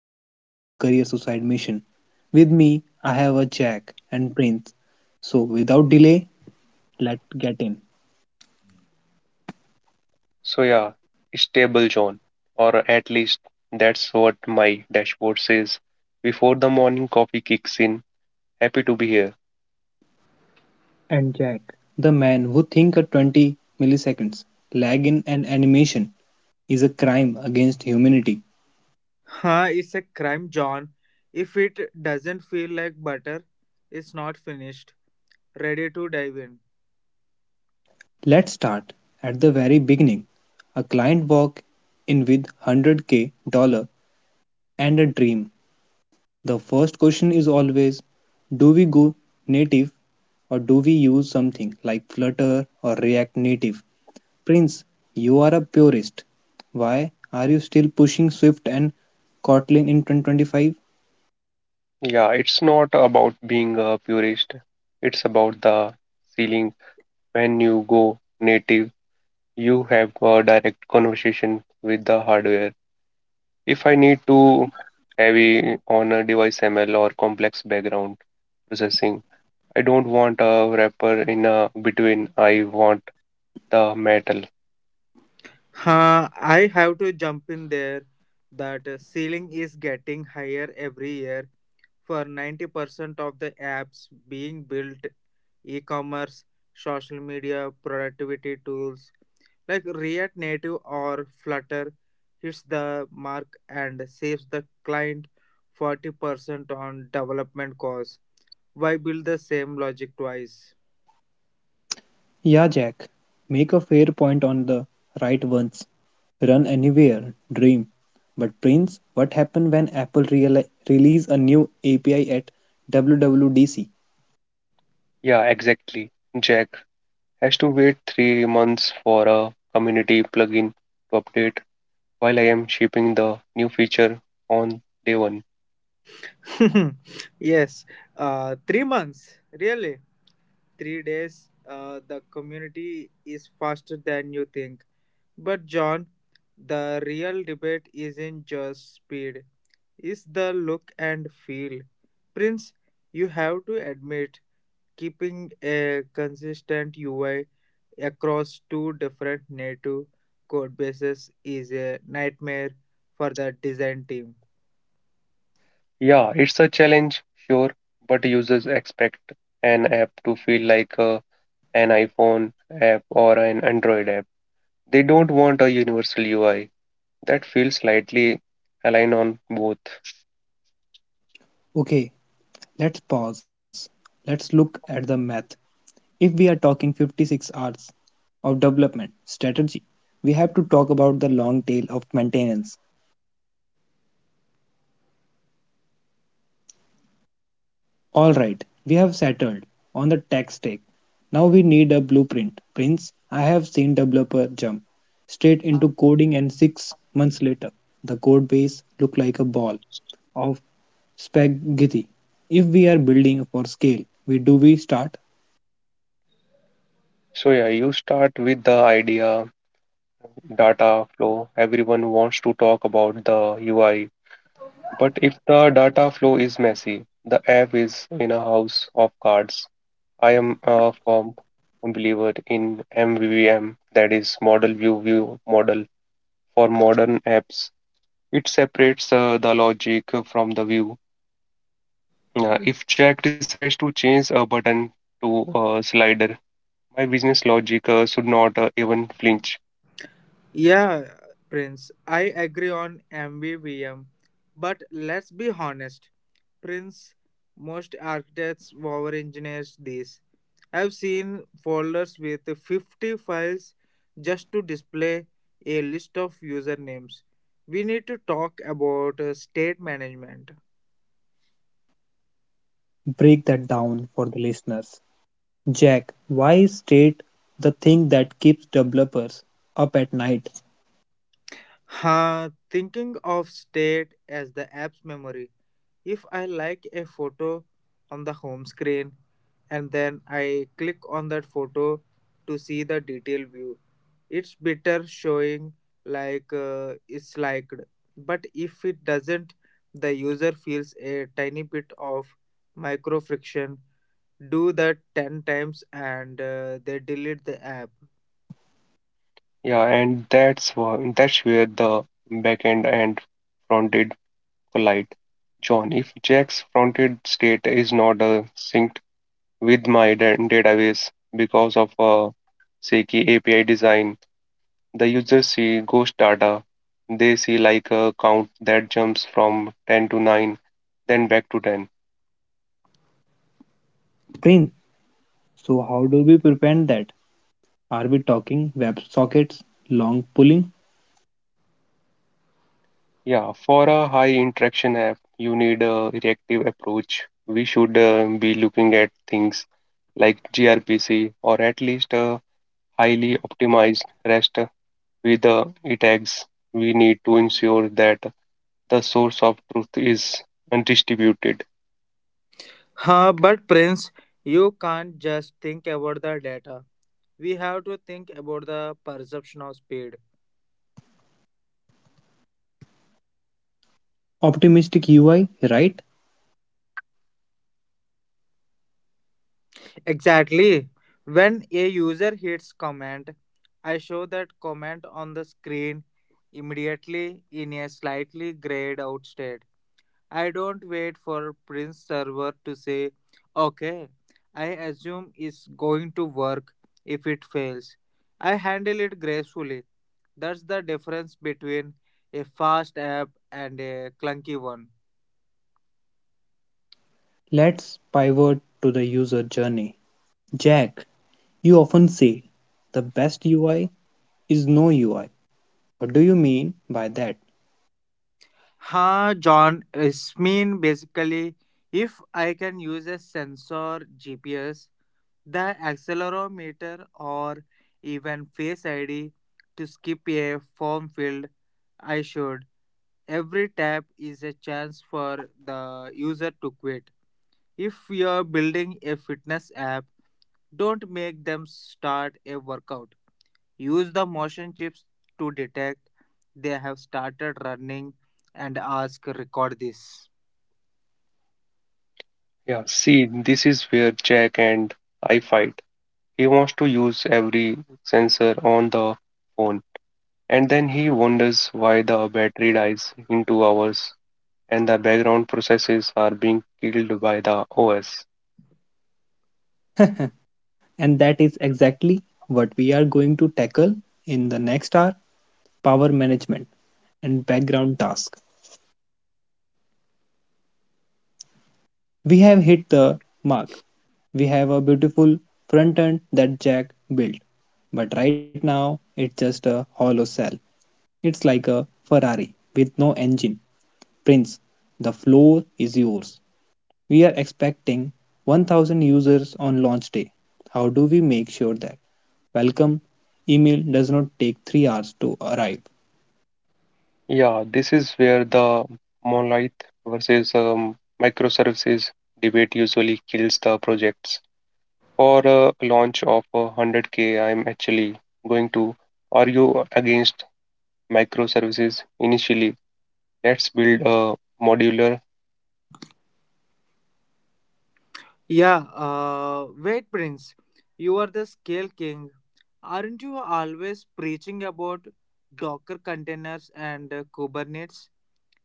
would call a career suicide mission. With me, I have a Jack and Prince. So, without delay, let's get in. So yeah, stable zone, or at least that's what my dashboard says. Before the morning coffee kicks in, happy to be here. And Jack, the man who thinks a 20 milliseconds lag in an animation is a crime against humanity. It's a crime, John. If it doesn't feel like butter, it's not finished. Ready to dive in. Let's start at the very beginning. A client walk in with 100K dollar and a dream. The first question is always do we go native or do we use something like Flutter or React Native? Prince, you are a purist. Why are you still pushing Swift and Kotlin in 2025? Yeah, it's not about being a purist. It's about the feeling when you go native, you have a direct conversation with the hardware. If I need to heavy on a device ML or complex background processing, I don't want a wrapper in a between. I want the metal. I have to jump in there. That ceiling is getting higher every year. For 90% of the apps being built, e commerce, social media, productivity tools like React Native or Flutter hits the mark and saves the client 40% on development costs. Why build the same logic twice? Yeah, Jack, make a fair point on the right ones. Run anywhere, dream. But Prince, what happened when Apple release a new API at WWDC? Yeah, exactly. Jack has to wait 3 months for a community plugin to update while I am shipping the new feature on day one. yes, 3 months, really. 3 days, the community is faster than you think. But, John, the real debate isn't just speed, it's the look and feel. Prince, you have to admit, keeping a consistent UI across two different native code bases is a nightmare for the design team. Yeah, it's a challenge, sure, but users expect an app to feel like an iPhone app or an Android app. They don't want a universal UI that feels slightly aligned on both. Okay, let's pause. Let's look at the math. If we are talking 56 hours of development strategy, we have to talk about the long tail of maintenance. All right, we have settled on the tech stack. Now we need a blueprint. Prince, I have seen developer jump straight into coding and 6 months later the code base look like a ball of spaghetti. If we are building for scale, we do we start So, yeah, you start with the idea, data flow. Everyone wants to talk about the UI. But if the data flow is messy, the app is in a house of cards. I am a firm believer in MVVM, that is model view view model for modern apps. It separates the logic from the view. If Jack decides to change a button to a slider, my business logic should not even flinch. Yeah, Prince, I agree on MVVM, but let's be honest. Prince, most architects over engineers these. I've seen folders with 50 files just to display a list of usernames. We need to talk about state management. break that down for the listeners. Jack, why is state the thing that keeps developers up at night? Thinking of state as the app's memory. If I like a photo on the home screen and then I click on that photo to see the detail view, it's better showing it's liked. But if it doesn't, the user feels a tiny bit of micro friction. Do that 10 times and they delete the app. Yeah, and that's where the backend and fronted polite. John, if Jack's fronted state is not synced with my database because of a shaky API design, the users see ghost data. They see like a count that jumps from 10 to 9, then back to 10. Prince, so how do we prevent that? Are we talking WebSockets, long pulling, Yeah, for a high interaction app, you need a reactive approach. We should be looking at things like gRPC or at least a highly optimized REST with the it acts, we need to ensure that the source of truth is undistributed. But Prince, you can't just think about the data. We have to think about the perception of speed. optimistic UI, right? Exactly. When a user hits comment, I show that comment on the screen immediately in a slightly grayed out state. I don't wait for Prince server to say, okay, I assume it's going to work if it fails. I handle it gracefully. That's the difference between a fast app and a clunky one. Let's pivot to the user journey. Jack, you often say the best UI is no UI. What do you mean by that? John, it's mean basically, if I can use a sensor, GPS, the accelerometer, or even Face ID to skip a form field, I should. Every tap is a chance for the user to quit. If you're building a fitness app, don't make them start a workout. Use the motion chips to detect they have started running and ask record this. Yeah, see, this is where Jack and I fight. He wants to use every sensor on the phone, and then he wonders why the battery dies in 2 hours and the background processes are being killed by the OS. And that is exactly what we are going to tackle in the next hour, power management and background tasks. We have hit the mark. We have a beautiful front end that Jack built, but right now it's just a hollow shell. It's like a Ferrari with no engine. Prince, the floor is yours. We are expecting 1000 users on launch day. How do we make sure that welcome email does not take 3 hours to arrive? Yeah, this is where the monolith versus microservices debate usually kills the projects. For a launch of a 100K, I'm actually going to argue against microservices initially. Let's build a modular. Yeah, Wait, Prince. You are the scale king. Aren't you always preaching about Docker containers and Kubernetes?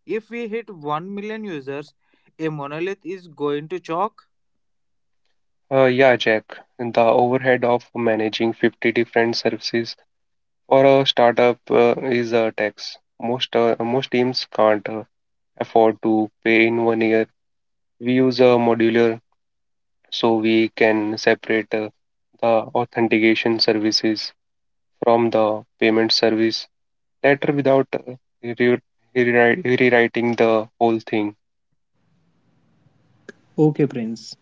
If we hit 1 million users, a monolith is going to choke. Yeah, Jack, the overhead of managing 50 different services for a startup is a tax. Most teams can't afford to pay in 1 year. We use a modular so we can separate the authentication services from the payment service letter without uh, re- rewrite- rewriting the whole thing. Okay, Prince,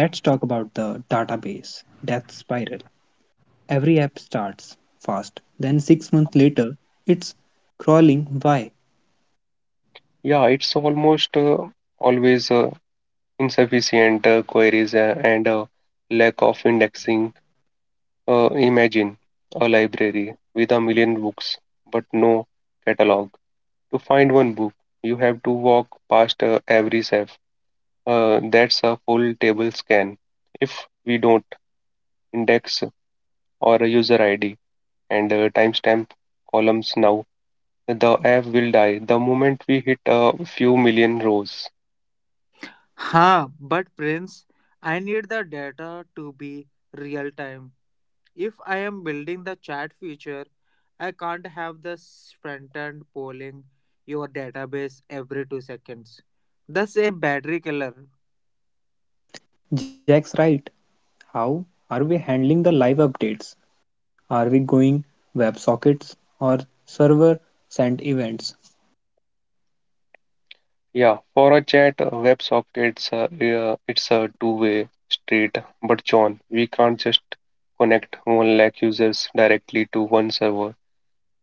let's talk about the database death spiral. Every app starts fast, then 6 months later, it's crawling. Why? Yeah, it's almost always insufficient queries and lack of indexing. Imagine a library with 1,000,000 books, but no catalog. To find one book, you have to walk past every shelf. That's a full table scan. If we don't index or a user ID and timestamp columns now, the app will die the moment we hit a few million rows. But Prince, I need the data to be real time. If I am building the chat feature, I can't have the front end polling your database every 2 seconds. That's a battery killer. Jack's right. How are we handling the live updates? Are we going WebSockets or server sent events? Yeah, for a chat, WebSockets, it's a two-way street. But John, we can't just connect one lakh users directly to one server.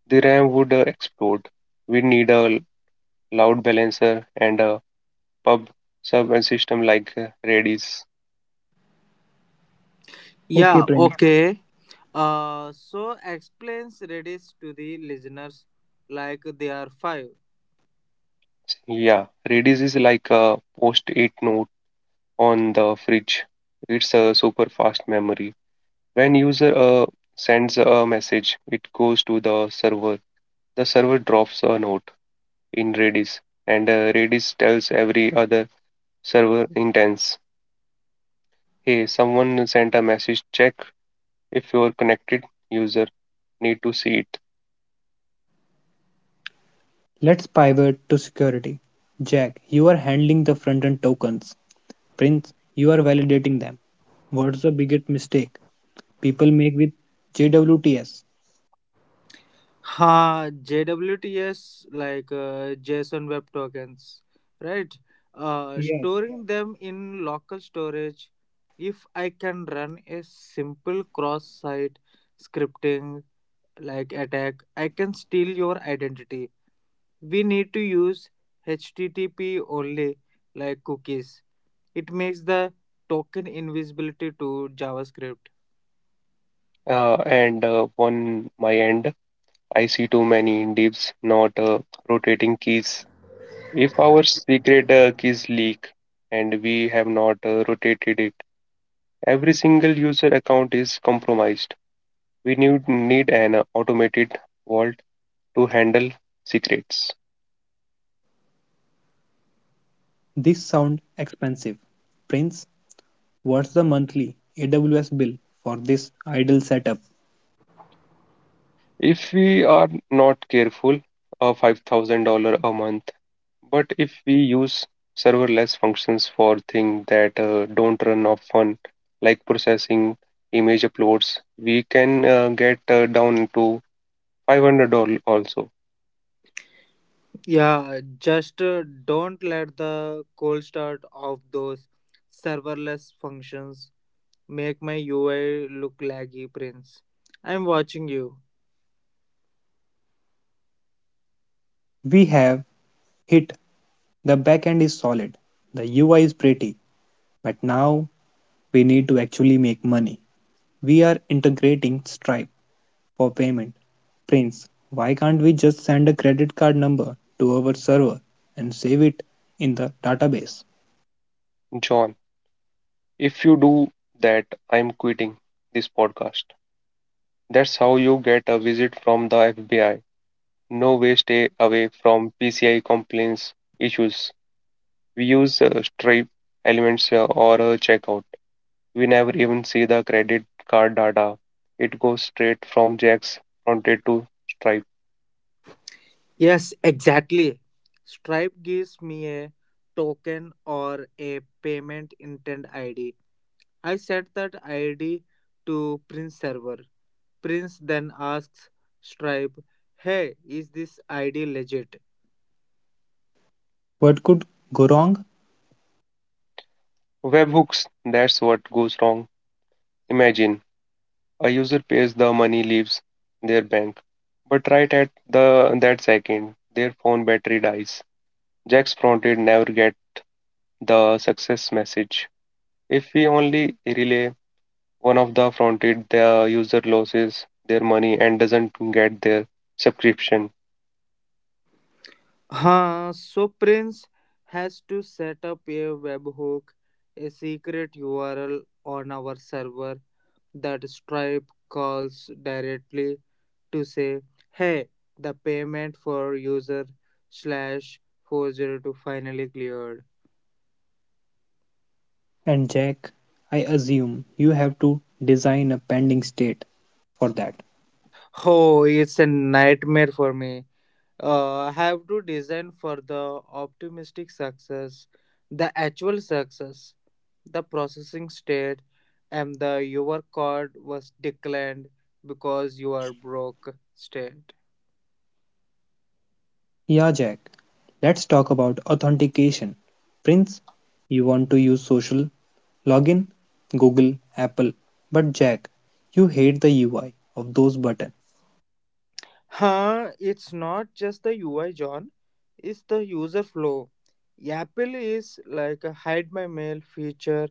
The RAM would explode. We need a load balancer and a pub sub system like Redis. Okay, Yeah, Prince, okay. So explains Redis to the listeners like they are five. Yeah, Redis is like a post-it note on the fridge. It's a super fast memory. When user sends a message, it goes to the server. The server drops a note in Redis, and Redis tells every other server instance, "Hey, someone sent a message. Check if your connected user need to see it." let's pivot to security. Jack, you are handling the front end tokens. Prince, you are validating them. What's the biggest mistake people make with JWTS? JWTs JSON Web Tokens, right? Yes. Storing them in local storage. If I can run a simple cross site scripting like attack, I can steal your identity. We need to use HTTP only like cookies. It makes the token invisibility to JavaScript. And on my end, I see too many divs, not rotating keys. If our secret keys leak and we have not rotated it, every single user account is compromised. We need an automated vault to handle secrets. This sounds expensive. Prince, what's the monthly AWS bill for this idle setup? If we are not careful, a $5,000 a month. But if we use serverless functions for things that don't run often, like processing image uploads, we can get down to $500 also. Yeah, just Don't let the cold start of those serverless functions make my UI look laggy, Prince. I'm watching you. We have hit the backend is solid, the UI is pretty, but now we need to actually make money. We are integrating Stripe for payment. Prince, why can't we just send a credit card number to our server and save it in the database? John, if you do that, I'm quitting this podcast. That's how you get a visit from the FBI. No way, stay away from PCI compliance issues. We use Stripe elements or a checkout. We never even see the credit card data. It goes straight from Jack's fronted to Stripe. Yes, exactly. Stripe gives me a token or a payment intent ID. I set that ID to Prince server. Prince then asks Stripe, "Hey, is this ID legit?" What could go wrong? Webhooks, that's what goes wrong. Imagine a user pays the money leaves their bank, but right at the that second, their phone battery dies. Jack's fronted never get the success message. If we only rely one of the fronted the user loses their money and doesn't get their subscription. So Prince has to set up a webhook, a secret URL on our server that Stripe calls directly to say, "Hey, the payment for user slash 402 finally cleared." And Jack, I assume you have to design a pending state for that. Oh, it's a nightmare for me. Uh, have to design for the optimistic success, the actual success, the processing state, and the your card was declined because you are broke state. Yeah, Jack, let's talk about authentication. Prince, you want to use social login, Google, Apple, but Jack, you hate the UI of those buttons. It's not just the UI, John, it's the user flow. Apple is like a hide my mail feature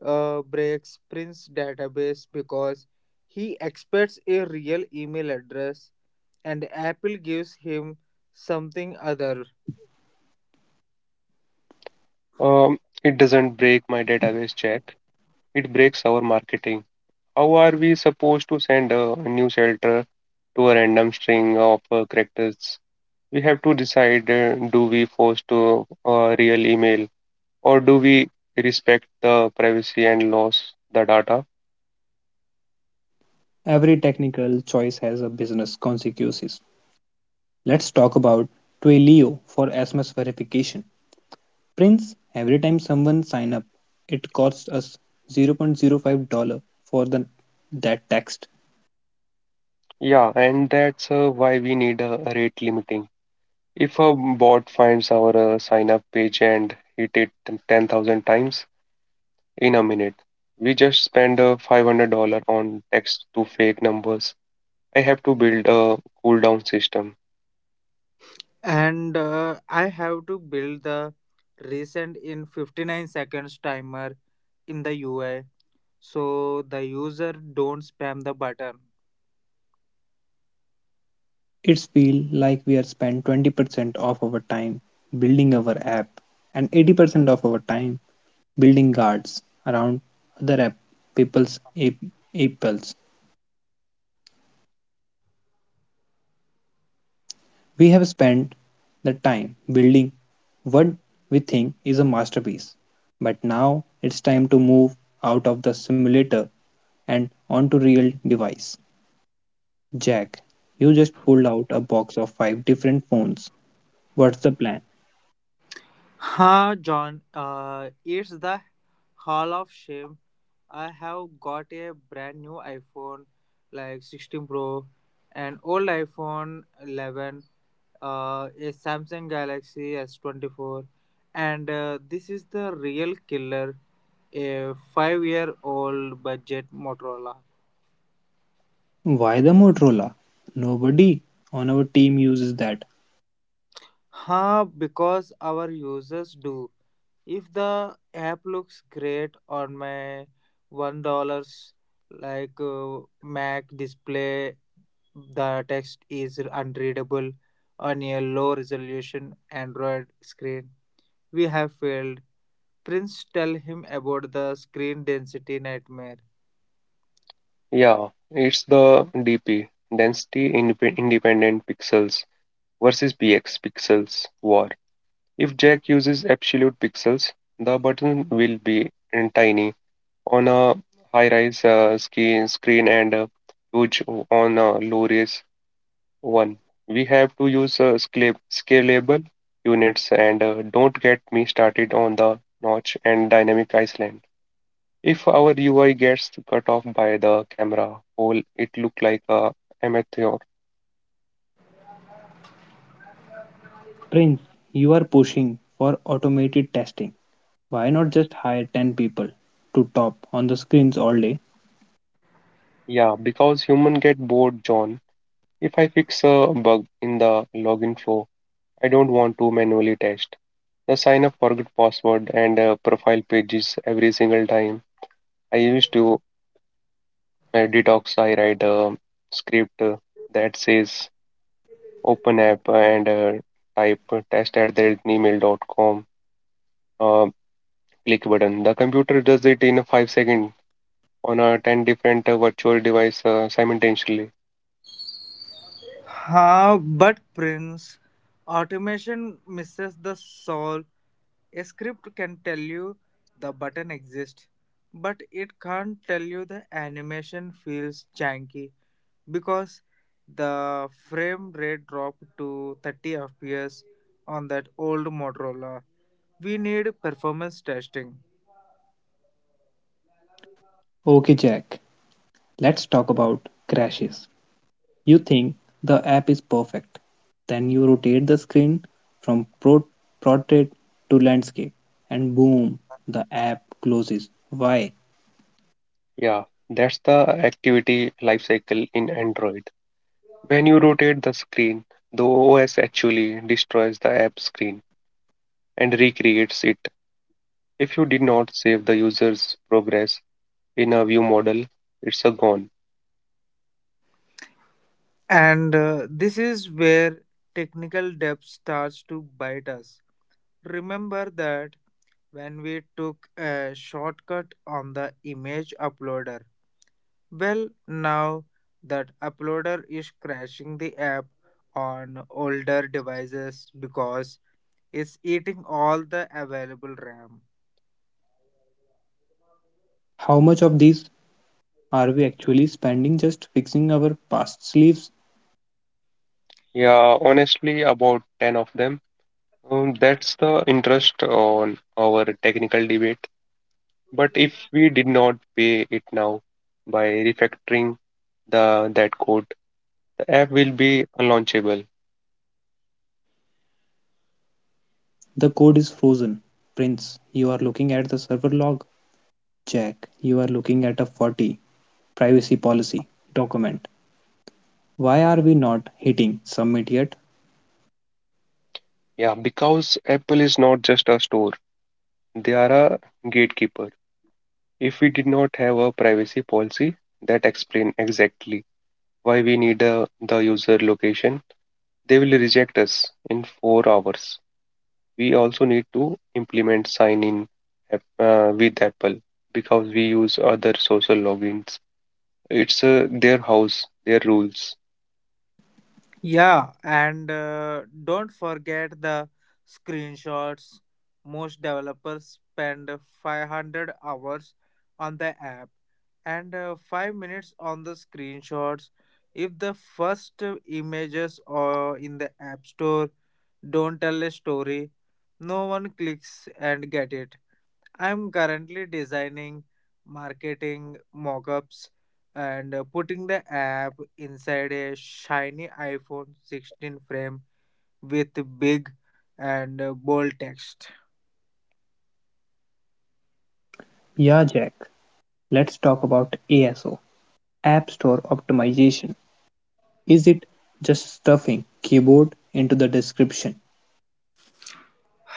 breaks Prince database because he expects a real email address and apple gives him something other It doesn't break my database check. It breaks our marketing. How are we supposed to send a new shelter to a random string of characters? We have to decide do we force to a real email or do we respect the privacy and lose the data? Every technical choice has a business consequences. Let's talk about Twilio for SMS verification. Prince, every time someone sign up, it costs us zero point zero $0.05 for the, that text. Yeah, and that's why we need a rate limiting. If a bot finds our sign up page and hit it 10,000 times in a minute, we just spend $500 on text to fake numbers. I have to build a cooldown system. and I have to build the recent in 59 seconds timer in the ui so the user don't spam the button It's feel like we are spend 20% of our time building our app and 80% of our time building guards around other app people's app, apples. We have spent the time building what we think is a masterpiece. But now it's time to move out of the simulator and onto real device. Jack, you just pulled out a box of five different phones. What's the plan? ha john it's the hall of shame I have got a brand new iphone like 16 pro an old iphone 11 a Samsung Galaxy S24, and this is the real killer, a five-year-old budget Motorola. Why the Motorola? Nobody on our team uses that. Because our users do. If the app looks great on my $1 Mac display, the text is unreadable on a low resolution Android screen. We have failed. Prince tell him about the screen density nightmare. Yeah, it's the DP, density independent pixels versus px pixels war. If Jack uses absolute pixels, the button will be in tiny on a high rise screen and huge on a low res one, we have to use scalable units and don't get me started on the notch and dynamic island. If our UI gets cut off by the camera hole, it look like a amateur. Prince, you are pushing for automated testing. Why not just hire 10 people to top on the screens all day? Yeah, because human get bored, John. If I fix a bug in the login flow, I don't want to manually test. The sign up forget password and profile pages every single time. I used to detox. I write a script that says open app and type test at the email.com. uh, Click button. The computer does it in 5 seconds on 10 different virtual device simultaneously. But Prince, automation misses the soul. A script can tell you the button exists, but it can't tell you the animation feels janky because the frame rate dropped to 30 fps on that old Motorola. We need performance testing. Okay, Jack, let's talk about crashes. You think the app is perfect. Then you rotate the screen from portrait to landscape, and boom, the app closes. Why? Yeah, that's the activity life cycle in Android. When you rotate the screen, the OS actually destroys the app screen and recreates it. If you did not save the user's progress in a view model, it's a gone. And this is where technical depth starts to bite us. Remember that when we took a shortcut on the image uploader. Well, now that uploader is crashing the app on older devices because it's eating all the available RAM. How much of these are we actually spending just fixing our past sleeves? Yeah, honestly, about 10 of them. That's the interest on our technical debate. But if we did not pay it now by refactoring the that code, the app will be unlaunchable. The code is frozen. Prince, you are looking at the server log. Jack, you are looking at a 40 privacy policy document. Why are we not hitting submit yet? Yeah, because Apple is not just a store; they are a gatekeeper. If we did not have a privacy policy that explain exactly why we need the user location, they will reject us in 4 hours. We also need to implement sign in with Apple because we use other social logins. It's their house, their rules. Yeah, and don't forget the screenshots. Most developers spend 500 hours on the app and 5 minutes on the screenshots. If the first images or in the App Store don't tell a story, no one clicks and get it. I'm currently designing marketing mockups and putting the app inside a shiny iPhone 16 frame with big and bold text. Yeah, Jack, let's talk about ASO, App Store Optimization. Is it just stuffing keyboard into the description?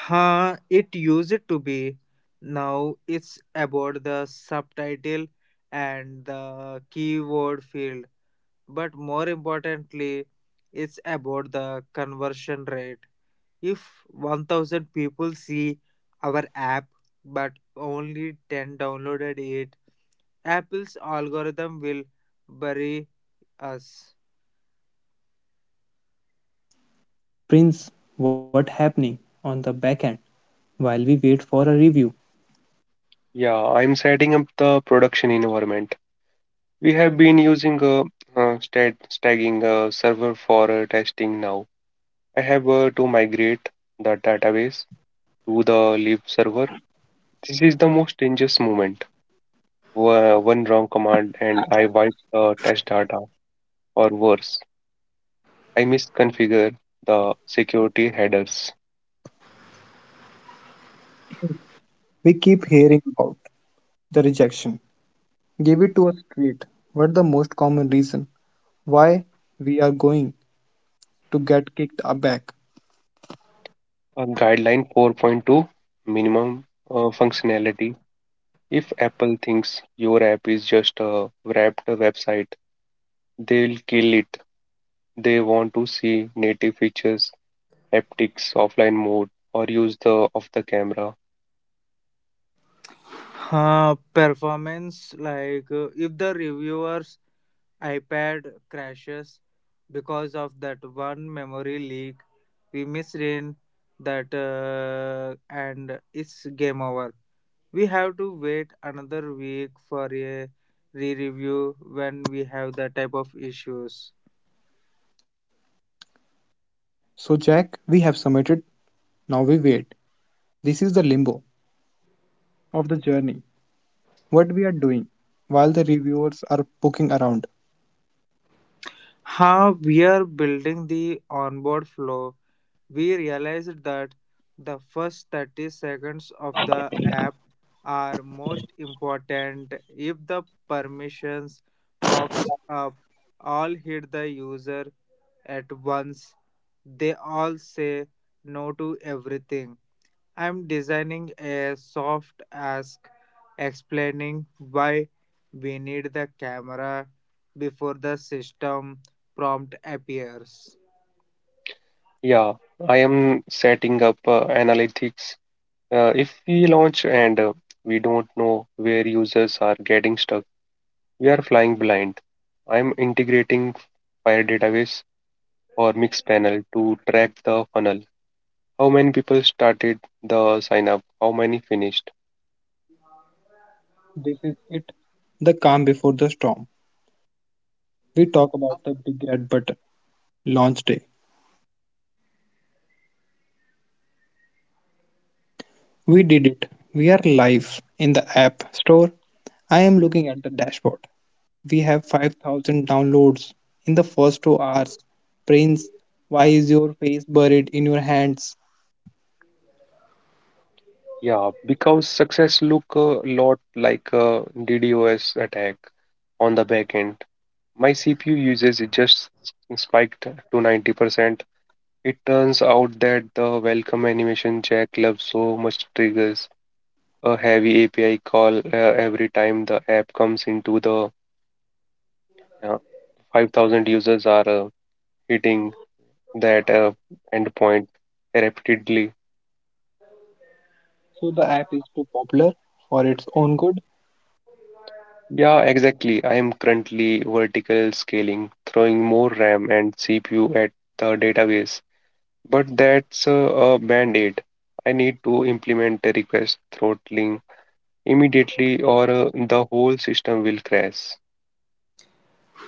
It used to be. Now it's about the subtitle and the keyword field, but more importantly, it's about the conversion rate. If 1000 people see our app but only 10 downloaded it, Apple's algorithm will bury us. Prince, what happening on the backend while we wait for a review? Yeah, I'm setting up the production environment. We have been using a stat staging server for testing now. I have to migrate the database to the live server. This is the most dangerous moment. One wrong command and I wipe the test data or worse. I misconfigured the security headers. We keep hearing about the rejection. Give it to us straight. What the most common reason why we are going to get kicked back. A guideline 4.2 minimum functionality. If Apple thinks your app is just a wrapped website, they'll kill it. They want to see native features, haptics, offline mode, or use the of the camera. Performance if the reviewer's iPad crashes because of that one memory leak we missed in that, and it's game over. We have to wait another week for a re-review when we have that type of issues. So, Jack, we have submitted, now we wait. This is the limbo of the journey. What we are doing while the reviewers are poking around. How we are building the onboard flow, we realized that the first 30 seconds of the app are most important. If the permissions pops up, all hit the user at once. They all say no to everything. I'm designing a soft ask explaining why we need the camera before the system prompt appears. Yeah, I am setting up analytics. If we launch and we don't know where users are getting stuck, we are flying blind. I'm integrating Fire database or Mixpanel to track the funnel. How many people started the sign up? How many finished? This is it, the calm before the storm. We talk about the big red button launch day. We did it. We are live in the app store. I am looking at the dashboard. We have 5000 downloads in the first 2 hours. Prince, why is your face buried in your hands? Yeah, because success look a lot like a DDoS attack on the back end. My CPU usage it just spiked to 90%. It turns out that the welcome animation jack loves so much triggers a heavy API call every time the app comes into the uh, 5000 users are hitting that endpoint repeatedly. So the app is too popular for its own good? Yeah, exactly. I am currently vertical scaling, throwing more RAM and CPU at the database, but that's a band-aid. I need to implement a request throttling immediately, or the whole system will crash.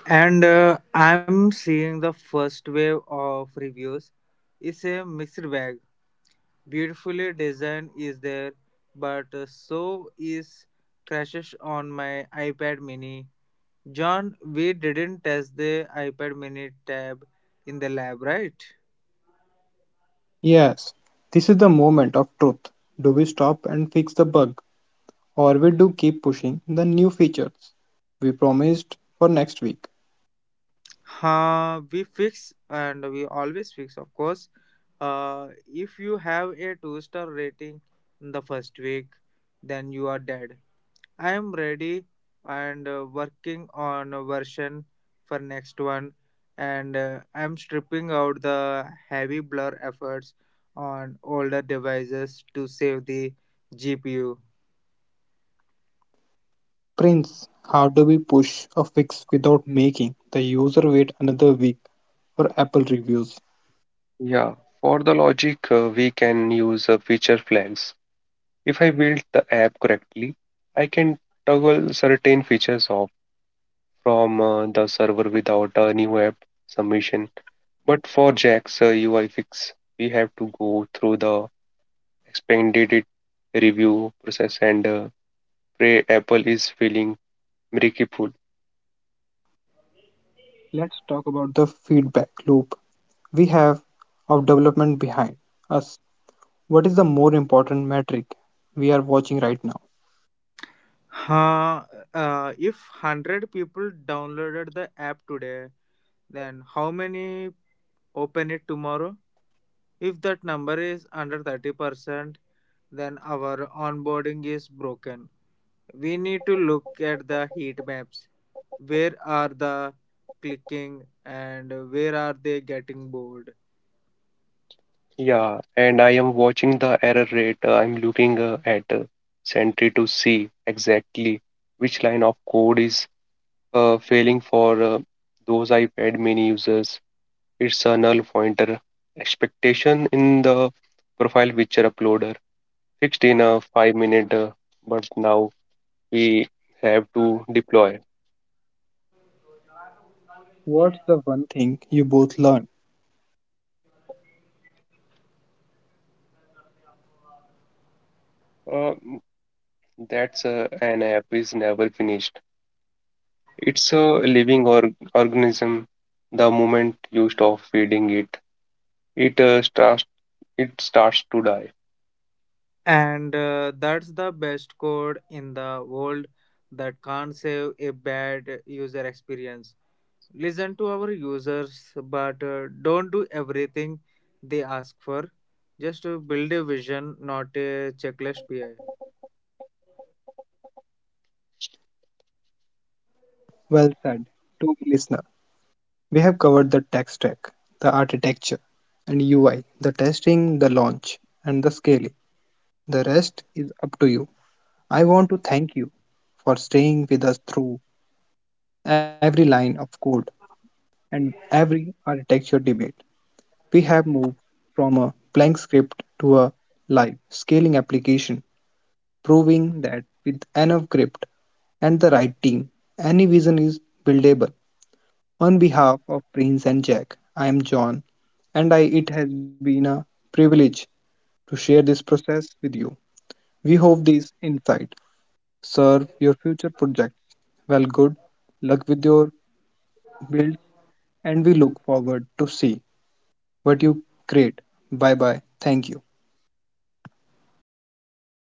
And I'm seeing the first wave of reviews. It's a mixed bag. Beautifully designed is there, but so is crashes on my iPad mini. John, we didn't test the iPad mini tab in the lab, right? Yes, this is the moment of truth. Do we stop and fix the bug, or we do keep pushing the new features we promised for next week? We fix and we always fix, of course. If you have a two-star rating in the first week, then you are dead. I am ready and working on a version for next one, and I'm stripping out the heavy blur efforts on older devices to save the GPU. Prince, how do we push a fix without making the user wait another week for Apple reviews? Yeah, for the logic, we can use feature flags. If I build the app correctly, I can toggle certain features off from the server without a new app submission. But for Jack's UI fix, we have to go through the expanded review process and pray Apple is feeling merciful. Let's talk about the feedback loop we have of development behind us. What is the more important metric we are watching right now? Huh, if 100 people downloaded the app today, then how many open it tomorrow? If that number is under 30%, then our onboarding is broken. We need to look at the heat maps. Where are the clicking and where are they getting bored? Yeah, and I am watching the error rate. I'm looking at Sentry to see exactly which line of code is failing for those iPad mini users. It's a null pointer expectation in the profile picture uploader fixed in a 5 minute, but now we have to deploy. What's the one thing you both learned? Uh, that's An app is never finished. It's a living organism. The moment you stop feeding it, it starts it starts to die. And that's the best code in the world that can't save a bad user experience. Listen to our users, but don't do everything they ask for. Just build a vision, not a checklist. PI. Well said. To the listener, we have covered the tech stack, the architecture and UI, the testing, the launch, and the scaling. The rest is up to you. I want to thank you for staying with us through every line of code and every architecture debate. We have moved from a blank script to a live scaling application, proving that with enough grit and the right team, any vision is buildable. On behalf of Prince and Jack, I am John, and I, it has been a privilege to share this process with you. We hope these insights serve your future projects. Well, good luck with your build, and we look forward to see what you create. Bye bye. Thank you.